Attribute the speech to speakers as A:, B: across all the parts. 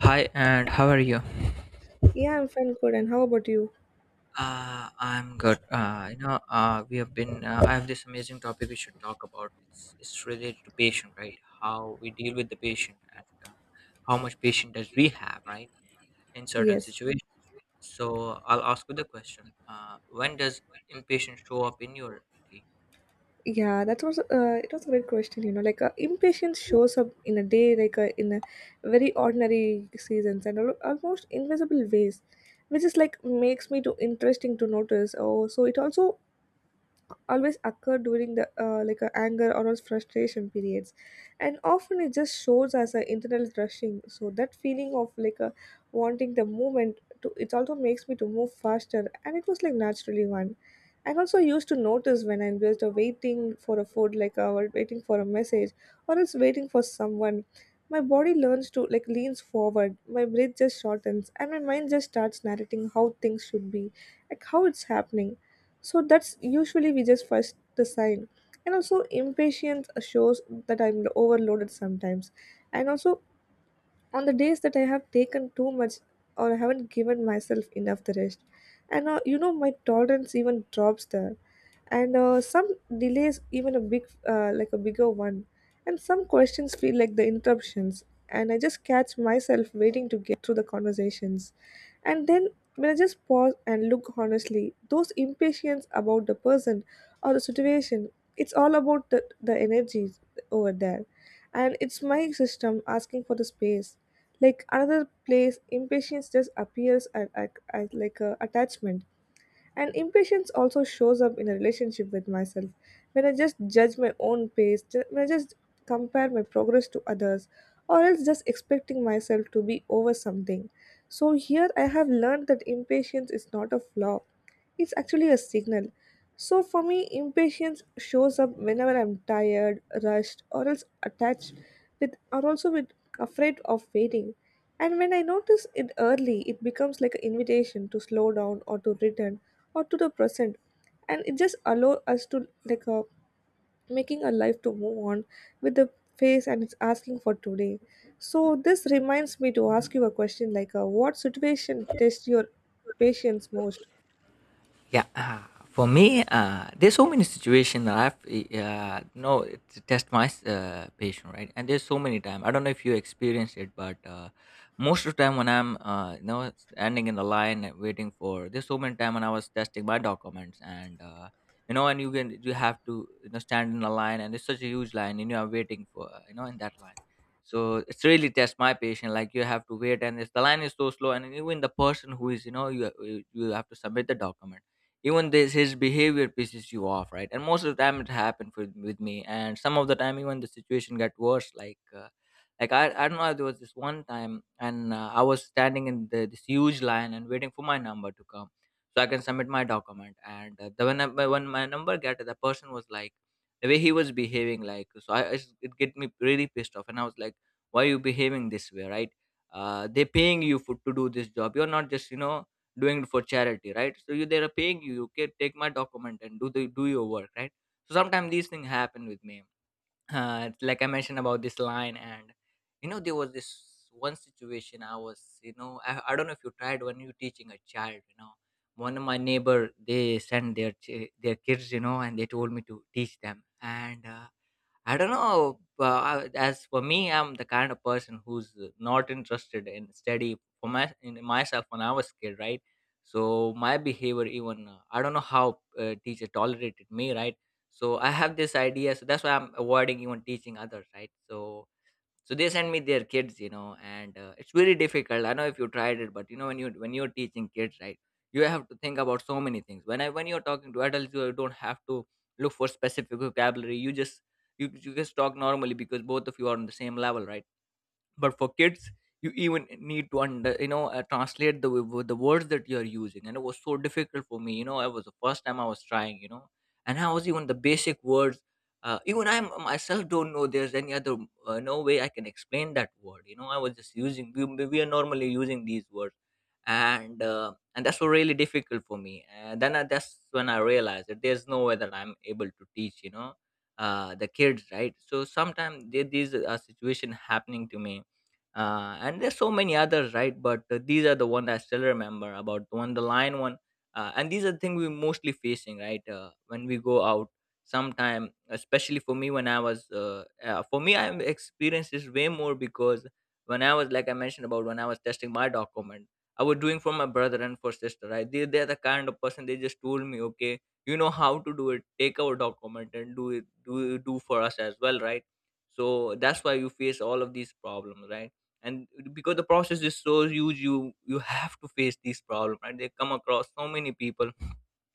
A: Hi, and how are you?
B: Yeah, I'm fine, good. And how about you?
A: I'm good. We have been. I have this amazing topic we should talk about. It's related to patient, right? How we deal with the patient and how much patient does we have, right? In certain
B: Yes.
A: situations. So I'll ask you the question. When does impatience show up in your day?
B: Yeah, that was it was a great question. You know, impatience shows up in a day, in a very ordinary seasons and almost invisible ways, which is like makes me too interesting to notice. Oh, so it also always occur during the like a anger or a frustration periods, and often it just shows as an internal rushing, so that feeling of like a wanting the movement to it also makes me to move faster, and it was like naturally one. And also used to notice when I'm just waiting for a food, or waiting for a message or it's waiting for someone. My body learns to like leans forward, my breath just shortens, and my mind just starts narrating how things should be, like how it's happening. So that's usually we just first the sign. And also impatience shows that I'm overloaded sometimes. And also on the days that I have taken too much or I haven't given myself enough the rest. And you know, my tolerance even drops there. And some delays, even a big, like a bigger one. And some questions feel like the interruptions. And I just catch myself waiting to get through the conversations. And then when I just pause and look honestly, those impatience about the person or the situation, it's all about the energy over there. And it's my system asking for the space. Like another place impatience just appears as like a attachment. And impatience also shows up in a relationship with myself when I just judge my own pace, when I just compare my progress to others, or else just expecting myself to be over something. So here I have learned that impatience is not a flaw, it's actually a signal. So for me impatience shows up whenever I'm tired, rushed, or else attached with, or also with afraid of waiting. And when I notice it early, it becomes like an invitation to slow down or to return or to the present. And it just allows us to making a life to move on with the face, and it's asking for today. So this reminds me to ask you a question, what situation tests your patience most?
A: Yeah, for me, there's so many situations that I've no to test my patient, right, and there's so many time. I don't know if you experienced it, but most of the time when I'm standing in the line and waiting for, there's so many time when I was testing my documents and. And you have to stand in the line, and it's such a huge line, and you are waiting for in that line. So it's really test my patient. Like you have to wait, and if the line is so slow, and even the person who is, you have to submit the document, even this his behavior pisses you off, right. And most of the time it happened with me, and some of the time even the situation got worse, like like I don't know, there was this one time. And I was standing in this huge line and waiting for my number to come so I can submit my document. And when my number got, the person was like, the way he was behaving, like, so it get me really pissed off. And I was like, why are you behaving this way, right? They're paying you for to do this job. You're not just doing it for charity, right? So you they're paying you. You can take my document and do your work, right? So sometimes these things happen with me. Like I mentioned about this line. And there was this one situation. I was, you know, I don't know if you tried when you teaching a child. One of my neighbor, they sent their kids, and they told me to teach them, and I don't know. As for me, I'm the kind of person who's not interested in study for my in myself when I was kid, right? So my behavior, even I don't know how teacher tolerated me, right? So I have this idea, so that's why I'm avoiding even teaching others, right? So they send me their kids, and it's very difficult. I know if you tried it, but when you're teaching kids, right. You have to think about so many things. When you're talking to adults, you don't have to look for specific vocabulary. You just talk normally, because both of you are on the same level, right. But for kids, you even need to under you know translate the words that you're using. And it was so difficult for me. It was the first time I was trying. And I was, even the basic words, even I myself don't know there's any other no way I can explain that word. I was just using, we are normally using these words. And that's what really difficult for me. And then that's when I realized that there's no way that I'm able to teach the kids, right. So sometimes these are situation happening to me. And there's so many others, right, but these are the one I still remember, about the one, the lion one. And these are the things we mostly facing, right, when we go out sometime. Especially for me, I experienced this way more, because when I was, like I mentioned, about when I was testing my document. I was doing for my brother and for sister, right. They're the kind of person. They just told me, okay, you know how to do it, take our document and do it, do for us as well, right. So that's why you face all of these problems, right. And because the process is so huge, you have to face these problems, right. They come across so many people.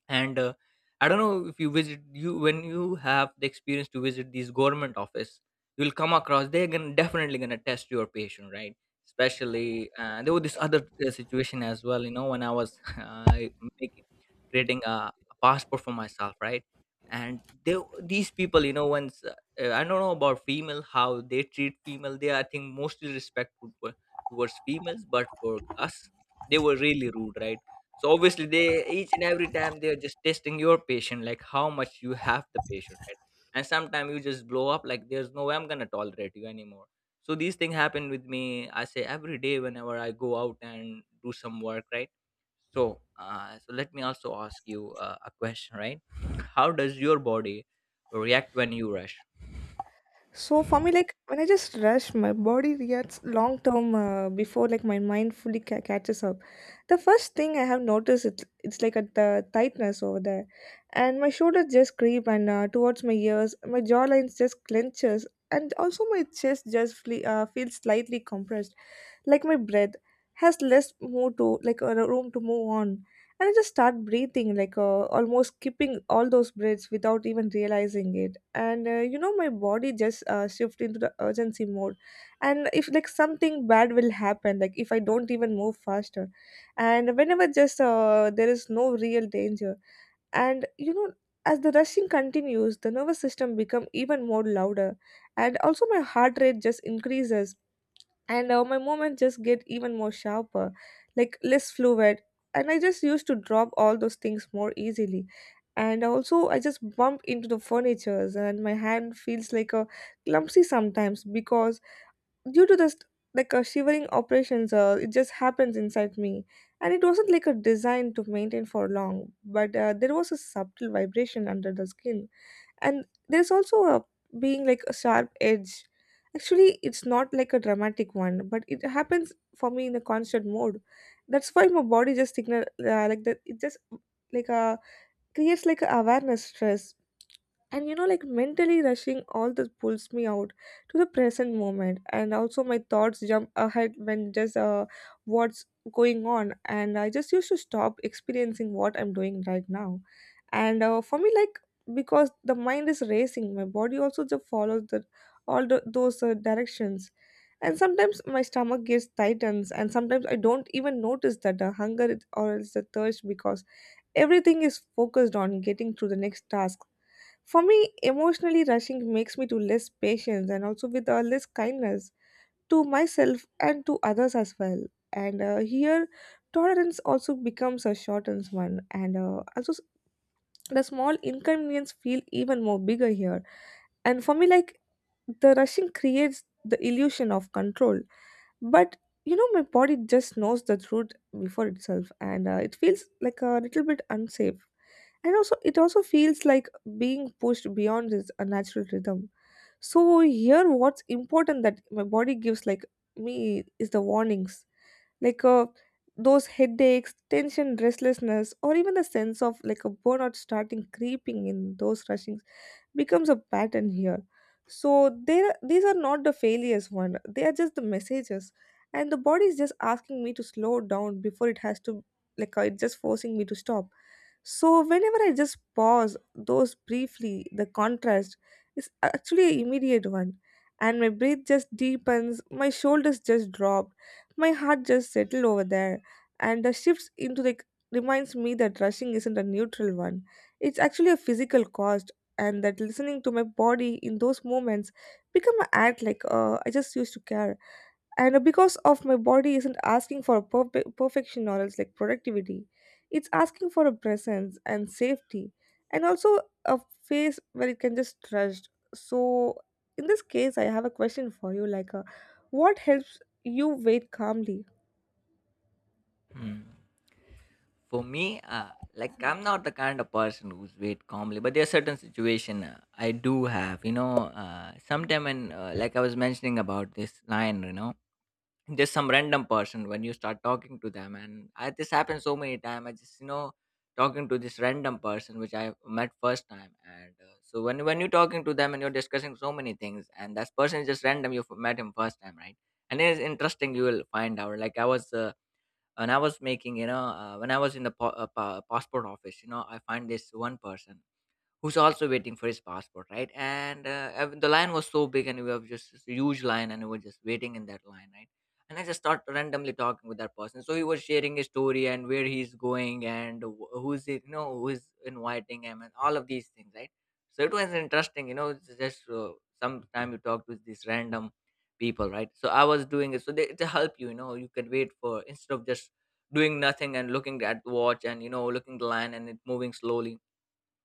A: And I don't know if you when you have the experience to visit these government office. You'll come across, definitely going to test your patient, right. Especially, there was this other situation as well. When I was making creating a passport for myself, right. And these people, once, I don't know about female how they treat female. I think mostly respectful towards females. But for us, they were really rude, right. So obviously, they each and every time, they are just testing your patient, like how much you have the patient, right? And sometimes you just blow up, like there's no way I'm gonna tolerate you anymore. So these things happen with me. I say every day whenever I go out and do some work, right? So let me also ask you a question, right? How does your body react when you rush?
B: So for me, like when I just rush, my body reacts long term before like my mind fully catches up. The first thing I have noticed, it's like a the tightness over there, and my shoulders just creep and towards my ears, my jawline just clenches, and also my chest just feels slightly compressed, like my breath has less more to like a room to move on, and I just start breathing, almost skipping all those breaths without even realizing it. And you know, my body just shift into the urgency mode. And if like something bad will happen, like if I don't even move faster, and whenever just there is no real danger, and you know. As the rushing continues, the nervous system become even more louder, and also my heart rate just increases, and my movement just get even more sharper, like less fluid. And I just used to drop all those things more easily, and also I just bump into the furnitures, and my hand feels like a clumsy sometimes because due to this like a shivering operations it just happens inside me. And it wasn't like a design to maintain for long, but there was a subtle vibration under the skin. And there's also a being like a sharp edge. Actually it's not like a dramatic one, but it happens for me in a constant mode. That's why my body just signal like that it just like uh creates like a awareness stress. And you know, like mentally rushing all that pulls me out to the present moment, and also my thoughts jump ahead when just what's going on, and I just used to stop experiencing what I'm doing right now. And for me, like because the mind is racing, my body also just follows the all the, those directions. And sometimes my stomach gets tightens, and sometimes I don't even notice that the hunger or it's the thirst, because everything is focused on getting to the next task. For me, emotionally rushing makes me to less patience, and also with less kindness to myself and to others as well. And here, tolerance also becomes a shortened one, and also the small inconvenience feel even more bigger here. And for me, like the rushing creates the illusion of control, but you know my body just knows the truth before itself, and it feels like a little bit unsafe. And also, it also feels like being pushed beyond this unnatural rhythm. So here, what's important that my body gives, like me, is the warnings, like uh, those headaches, tension, restlessness, or even a sense of like a burnout starting creeping in those rushings becomes a pattern here. So there, these are not the failures one; they are just the messages, and the body is just asking me to slow down before it has to, it's just forcing me to stop. So, whenever I just pause those briefly, the contrast is actually an immediate one. And my breath just deepens, my shoulders just drop, my heart just settled over there. And the shifts into the reminds me that rushing isn't a neutral one. It's actually a physical cost, and that listening to my body in those moments become an act I just used to care. And because of my body isn't asking for perfection or else like productivity, it's asking for a presence and safety, and also a face where it can just trust. So in this case I have a question for you, what helps you wait calmly?
A: Hmm. For me, like I'm not the kind of person who's wait calmly, but there are certain situation, I do have. You know, sometime when like I was mentioning about this line, just some random person when you start talking to them. This happened so many time. I just, talking to this random person which I met first time, and so when you're talking to them and you're discussing so many things. And that person is just random, met him first time, right? And it is interesting. You will find out. Like I was. When I was in the passport office, I find this one person who's also waiting for his passport, right. And the line was so big, and we have just this huge line, and we were just waiting in that line, right. And I just start randomly talking with that person. So he was sharing his story and where he's going, and who's it, who's inviting him, and all of these things, right. So it was interesting. It's Just sometime you talk with these random people, right. So I was doing it so to help you, you know. You can wait for instead of just doing nothing and looking at watch, and looking the line and it moving slowly.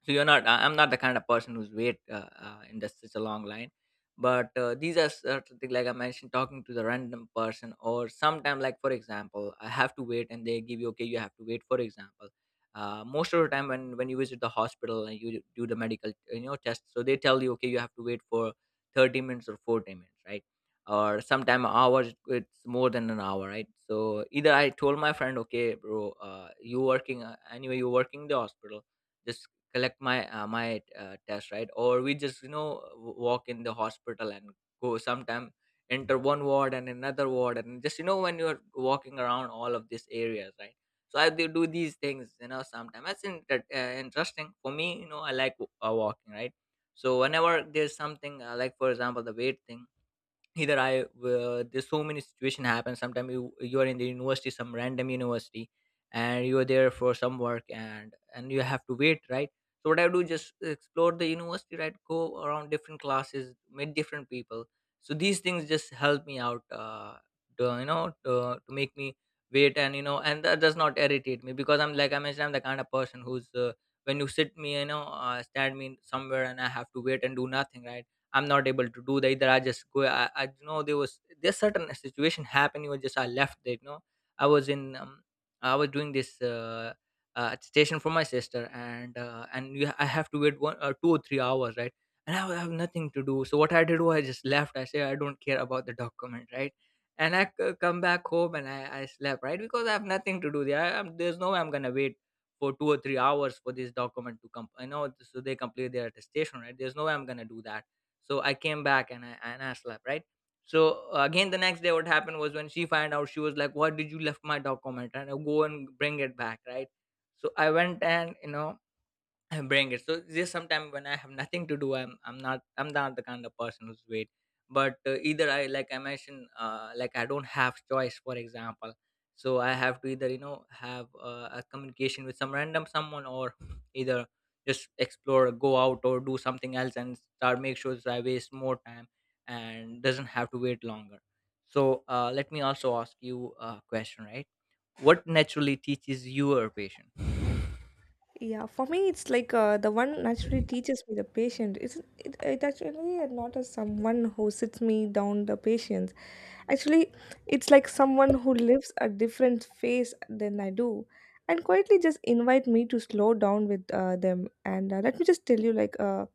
A: So you're not I- I'm not the kind of person who's wait, in such a long line. But these are certain things, like I mentioned, talking to the random person, or sometime, like for example, I have to wait and they give you, okay, you have to wait, for example, most of the time when you visit the hospital and you do the medical, test. So they tell you, okay, you have to wait for 30 minutes or 40 minutes, right. Or sometime hours, it's more than an hour, right. So either I told my friend, okay, bro, you working anyway, you're working in the hospital, just collect my test, right. Or we just, walk in the hospital, and go sometime enter one ward and another ward, and just, when you're walking around all of these areas, right. So I do these things, sometimes that's interesting for me, I like walking, right. So whenever there's something, like for example the weight thing, either I, there's so many situation happen sometimes, you are in the university, some random university, and you are there for some work, and you have to wait, right. So what I do, just explore the university, right, go around different classes, meet different people. So these things just help me out, to, you know to, to make me wait. And, and that does not irritate me. Because I'm, like I mentioned, I'm the kind of person who's, when you sit me, stand me somewhere, and I have to wait and do nothing, right. I'm not able to do that. Either I just go, I there's certain situation happened, was just I left it. i was in um, I was doing this station for my sister and I have to wait one 2 or 3 hours, right? And I have nothing to do. So what I did was I just left. I say I don't care about the document, right? And come back home and I slept, right? Because I have nothing to do there. I, am There's no way I'm gonna wait for 2 or 3 hours for this document to come. I know, so they complete their attestation, right? There's no way I'm gonna do that. So I came back and I slept, right? So again, the next day what happened was when she found out, she was like, what did you left my document, and I go and bring it back, right? So I went and I bring it. So just sometime when I have nothing to do, I'm not the kind of person who's wait. But either I, like I mentioned, like I don't have choice. For example, so I have to either you know have a communication with some random someone, or either just explore, go out, or do something else and start make sure that I waste more time and doesn't have to wait longer. So let me also ask you a question, right? What naturally teaches you your patient?
B: Yeah, for me, it's the one naturally teaches me the patient. It's it actually not as someone who sits me down the patients. Actually, it's like someone who lives a different phase than I do, and quietly just invite me to slow down with them. And let me just tell you,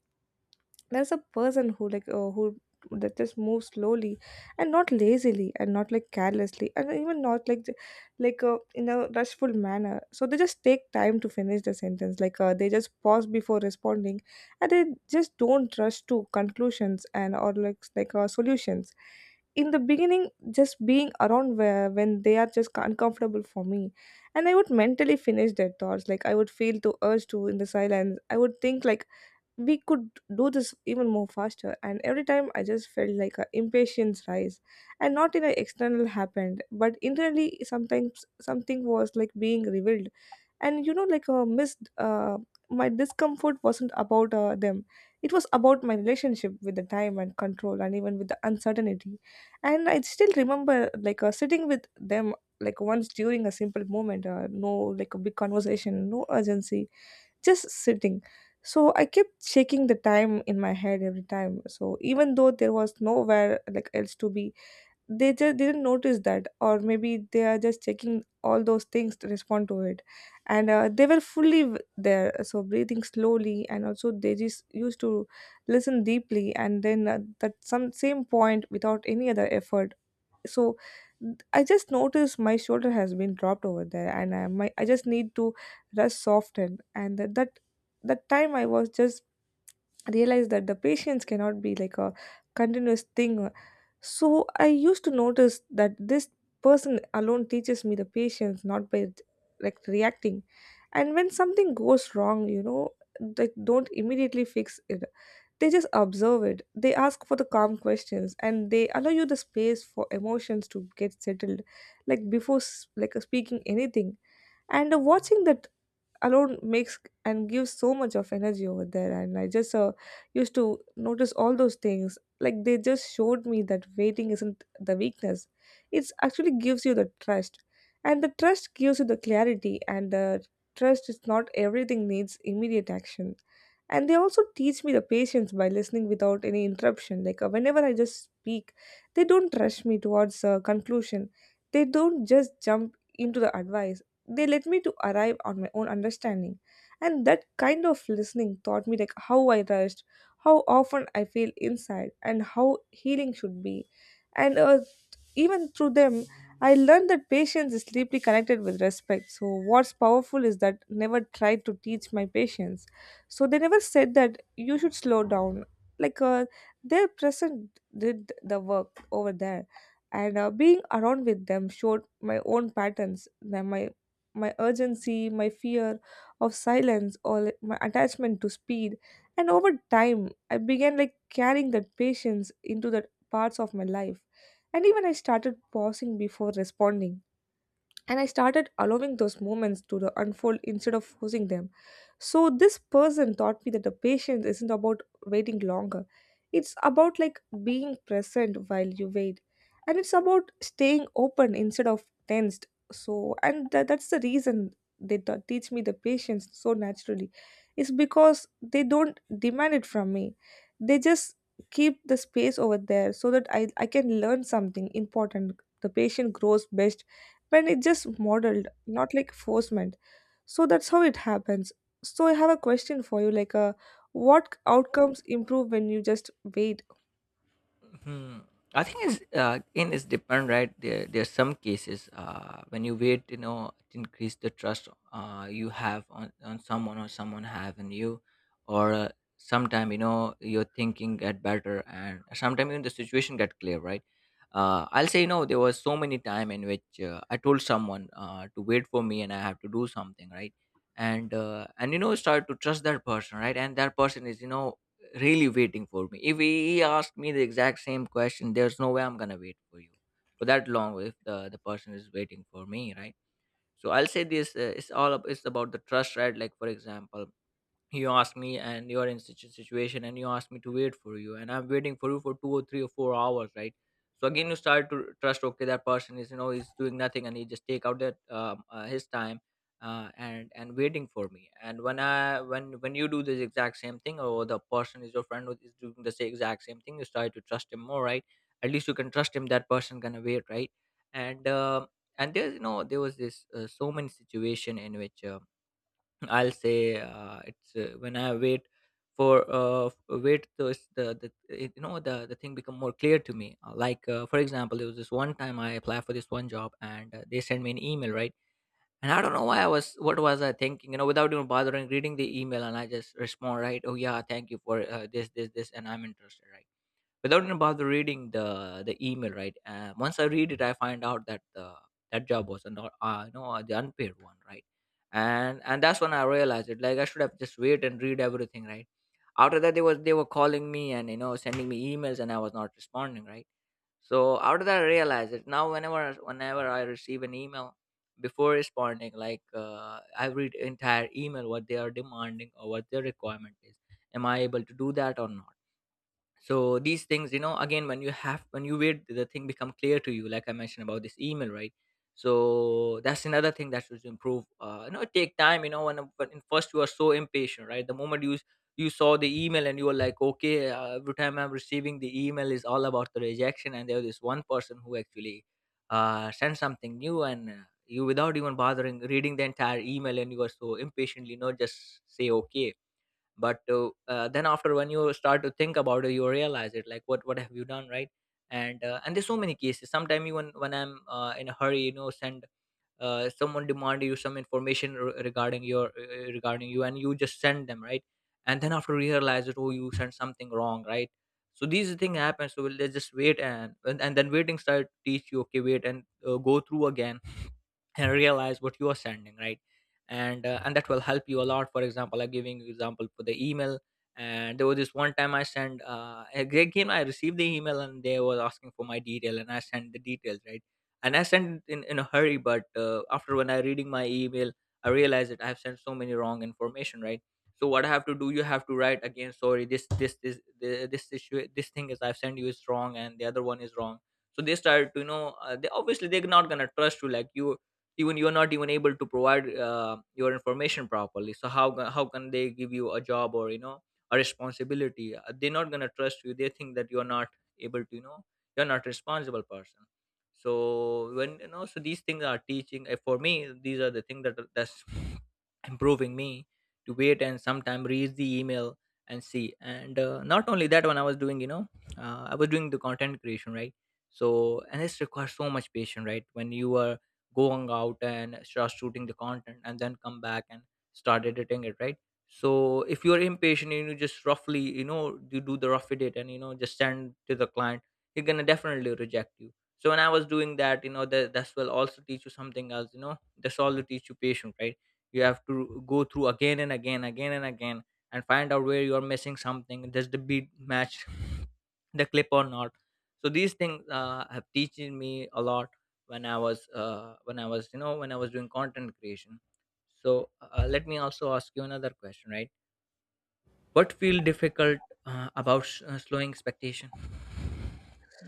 B: there's a person who that just moves slowly, and not lazily, and not like carelessly, and even not like in a rushful manner. So they just take time to finish the sentence, they just pause before responding, and they just don't rush to conclusions and or solutions. In the beginning just being around where when they are just uncomfortable for me, and I would mentally finish their thoughts, like I would feel to urge to in the silence. I would think like we could do this even more faster, and every time I just felt like a impatience rise, and not in an external happened but internally. Sometimes something was like being revealed, and you know like a missed my discomfort wasn't about them. It was about my relationship with the time and control and even with the uncertainty. And I still remember sitting with them, like once during a simple moment no like a big conversation, no urgency, just sitting. So I kept checking the time in my head every time. So even though there was nowhere like else to be, they just didn't notice that, or maybe they are just checking all those things to respond to it. And they were fully there, so breathing slowly, and also they just used to listen deeply, and then that some same point without any other effort. So I just noticed my shoulder has been dropped over there, and I my I just need to rest soften. And that time I was just realized that the patience cannot be like a continuous thing. So I used to notice that this person alone teaches me the patience, not by like reacting. And when something goes wrong, you know, like don't immediately fix it, they just observe it. They ask for the calm questions, and they allow you the space for emotions to get settled, like before speaking anything. And watching that alone makes and gives so much of energy over there, and I just used to notice all those things. Like, they just showed me that waiting isn't the weakness, it's actually gives you the trust, and the trust gives you the clarity, and the trust is not everything needs immediate action. And they also teach me the patience by listening without any interruption. Like, whenever I just speak, they don't rush me towards a conclusion, they don't just jump into the advice, they let me to arrive on my own understanding, and that kind of listening taught me like how I rushed, how often I feel inside, and how healing should be. And even through them, I learned that patience is deeply connected with respect. So, what's powerful is that never tried to teach my patients. So, they never said that you should slow down. Like, uh, their present did the work over there. And being around with them showed my own patterns, that my urgency, my fear of silence, or like, my attachment to speed. And over time, I began like carrying that patience into the parts of my life, and even I started pausing before responding, and I started allowing those moments to the unfold instead of forcing them. So this person taught me that the patience isn't about waiting longer, it's about like being present while you wait, and it's about staying open instead of tensed. So that's the reason they ta teach me the patience so naturally. It's because they don't demand it from me, they just keep the space over there so that I can learn something important. The patient grows best when it's just modeled, not like forcement. So that's how it happens. So I have a question for you. What outcomes improve when you just wait?
A: Hmm. I think it's again, it's depend, right? There are some cases when you wait, you know, to increase the trust you have on someone or someone have in you, or sometime you know you're thinking get better, and sometime even the situation get clear, right? I'll say you know there was so many time in which I told someone to wait for me and I have to do something, right? And and you know start to trust that person, right? And that person is you know really waiting for me. If he asked me the exact same question, there's no way I'm gonna wait for you for that long if the person is waiting for me, right? So I'll say this, it's about the trust, right? Like for example, you asked me and you're in such a situation and you asked me to wait for you and I'm waiting for you for 2 or 3 or 4 hours, right? So again you start to trust, okay, that person is you know he's doing nothing and he just take out that his time and waiting for me. And when I when you do this exact same thing or the person is your friend who is doing the same exact same thing, you start to trust him more, right? At least you can trust him that person gonna wait, right? And and there's you know there was this so many situation in which I'll say it's when I wait for wait those the it, you know the thing become more clear to me. Like for example, there was this one time I applied for this one job and they sent me an email, right? And I don't know why I was what was I thinking, you know, without even bothering reading the email, and I just respond, right? Oh yeah, thank you for this this this, and I'm interested, right? Without even bother reading the email, right? Once I read it, I find out that the that job was not you know, the unpaid one, right? And that's when I realized it, like I should have just wait and read everything, right? After that they were calling me and you know sending me emails and I was not responding, right? So after that I realized it, now whenever I receive an email, before responding, like I read entire email what they are demanding or what their requirement is, am I able to do that or not. So these things you know again when you have when you wait, the thing become clear to you, like I mentioned about this email, right? So that's another thing that should improve, you know take time, you know when in first you are so impatient, right? The moment you saw the email and you were like okay, every time I'm receiving the email is all about the rejection, and there's this one person who actually sent something new and you without even bothering reading the entire email and you are so impatiently you know just say okay. But then after when you start to think about it you realize it, like what have you done, right? And and there's so many cases sometimes even when I'm in a hurry, you know send someone demand you some information regarding your regarding you, and you just send them, right? And then after realize it, oh, you sent something wrong, right? So these things happen, so let's just wait and then waiting start teach you, okay, wait and go through again and realize what you are sending, right? And and that will help you a lot. For example, I'm giving you example for the email. And there was this one time I sent again I received the email and they were asking for my detail and I sent the details, right? And I sent it in a hurry, but after when I reading my email, I realized that I have sent so many wrong information, right? So what I have to do, you have to write again sorry this this this this this thing is I've sent you is wrong and the other one is wrong. So they started to you know they obviously they're not gonna trust you, like you even you're not even able to provide your information properly, so how can they give you a job or you know a responsibility. They're not going to trust you, they think that you're not able to you know you're not responsible person. So when you know so these things are teaching for me these are the things that that's improving me to wait and sometime read the email and see. And not only that, when I was doing you know I was doing the content creation, right? So and this requires so much patience, right? When you are going out and start shooting the content and then come back and start editing it, right? So if you're impatient and you just roughly you know you do the rough edit and you know just send to the client, you're gonna definitely reject you. So when I was doing that you know that that's will also teach you something else, you know that's all teach you patience, right? You have to go through again and again and find out where you're missing something, does the beat match the clip or not. So these things have teaching me a lot when I was when I was you know when I was doing content creation. So let me also ask you another question, right? What feel difficult about slowing expectation?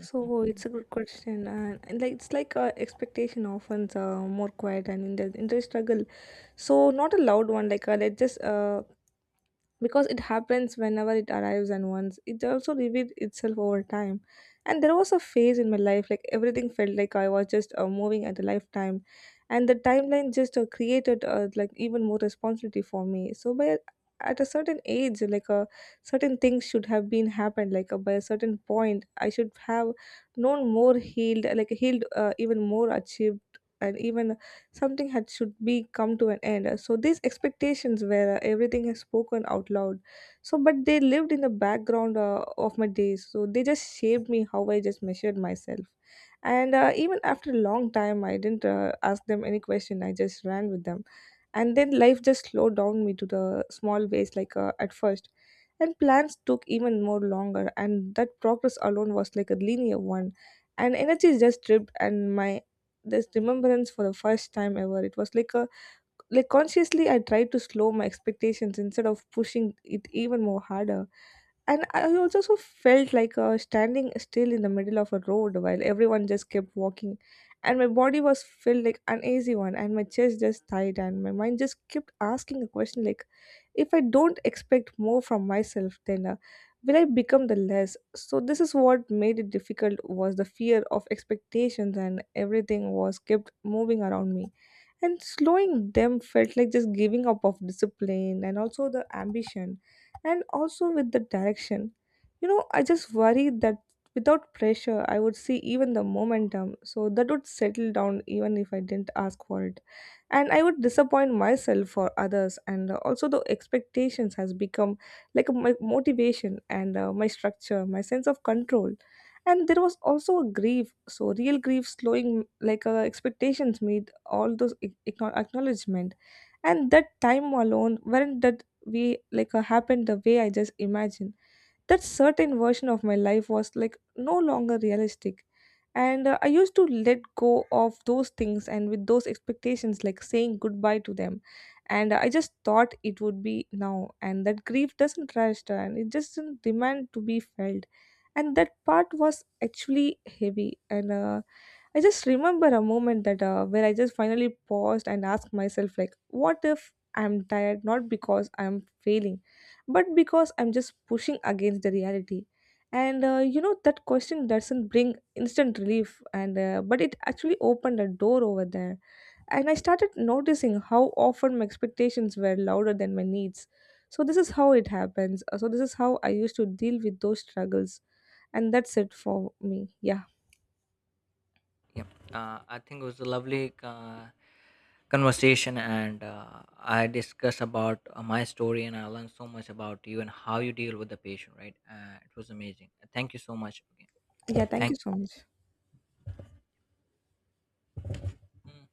B: So it's a good question, and like it's like expectation often more quiet and in the struggle. So not a loud one. Let's just because it happens whenever it arrives, and once it also revealed itself over time. And there was a phase in my life like everything felt like I was just moving at a lifetime, and the timeline just created like even more responsibility for me. So by at a certain age, like a certain things should have been happened. By a certain point I should have known more healed, like healed even more achieved, and even something had should be come to an end. So these expectations where everything is spoken out loud, so but they lived in the background of my days. So they just shaped me how I just measured myself. And even after a long time, I didn't ask them any question, I just ran with them. And then life just slowed down me to the small ways, at first, and plans took even more longer, and that progress alone was like a linear one, and energy just dripped. And my this remembrance for the first time ever, it was like a like consciously I tried to slow my expectations instead of pushing it even more harder. And I also so felt like standing still in the middle of a road while everyone just kept walking. And my body was felt like uneasy one, and my chest just tight, and my mind just kept asking a question like if I don't expect more from myself, then will I become the less? So this is what made it difficult was the fear of expectations, and everything was kept moving around me, and slowing them felt like just giving up of discipline and also the ambition, and also with the direction. You know, I just worried that without pressure I would see even the momentum, so that would settle down even if I didn't ask for it, and I would disappoint myself for others. And also the expectations has become like my motivation and my structure, my sense of control. And there was also a grief, so real grief slowing expectations made all those acknowledgement, and that time alone weren't that we like happened the way I just imagined. That certain version of my life was like no longer realistic. And I used to let go of those things and with those expectations like saying goodbye to them. And I just thought it would be now, and that grief doesn't register and it just doesn't demand to be felt, and that part was actually heavy. And I just remember a moment that where I just finally paused and asked myself like what if I'm tired not because I'm failing, but because I'm just pushing against the reality? And you know, that question doesn't bring instant relief, and but it actually opened a door over there. And I started noticing how often my expectations were louder than my needs. So this is how it happens. So this is how I used to deal with those struggles, and that's it for me. Yeah,
A: Yeah, I think it was a lovely uh, conversation, and I discussed about my story and I learned so much about you and how you deal with the patient, right? It was amazing. Thank you so much again,
B: yeah, thank you
A: thank
B: so much.
A: you. Mm.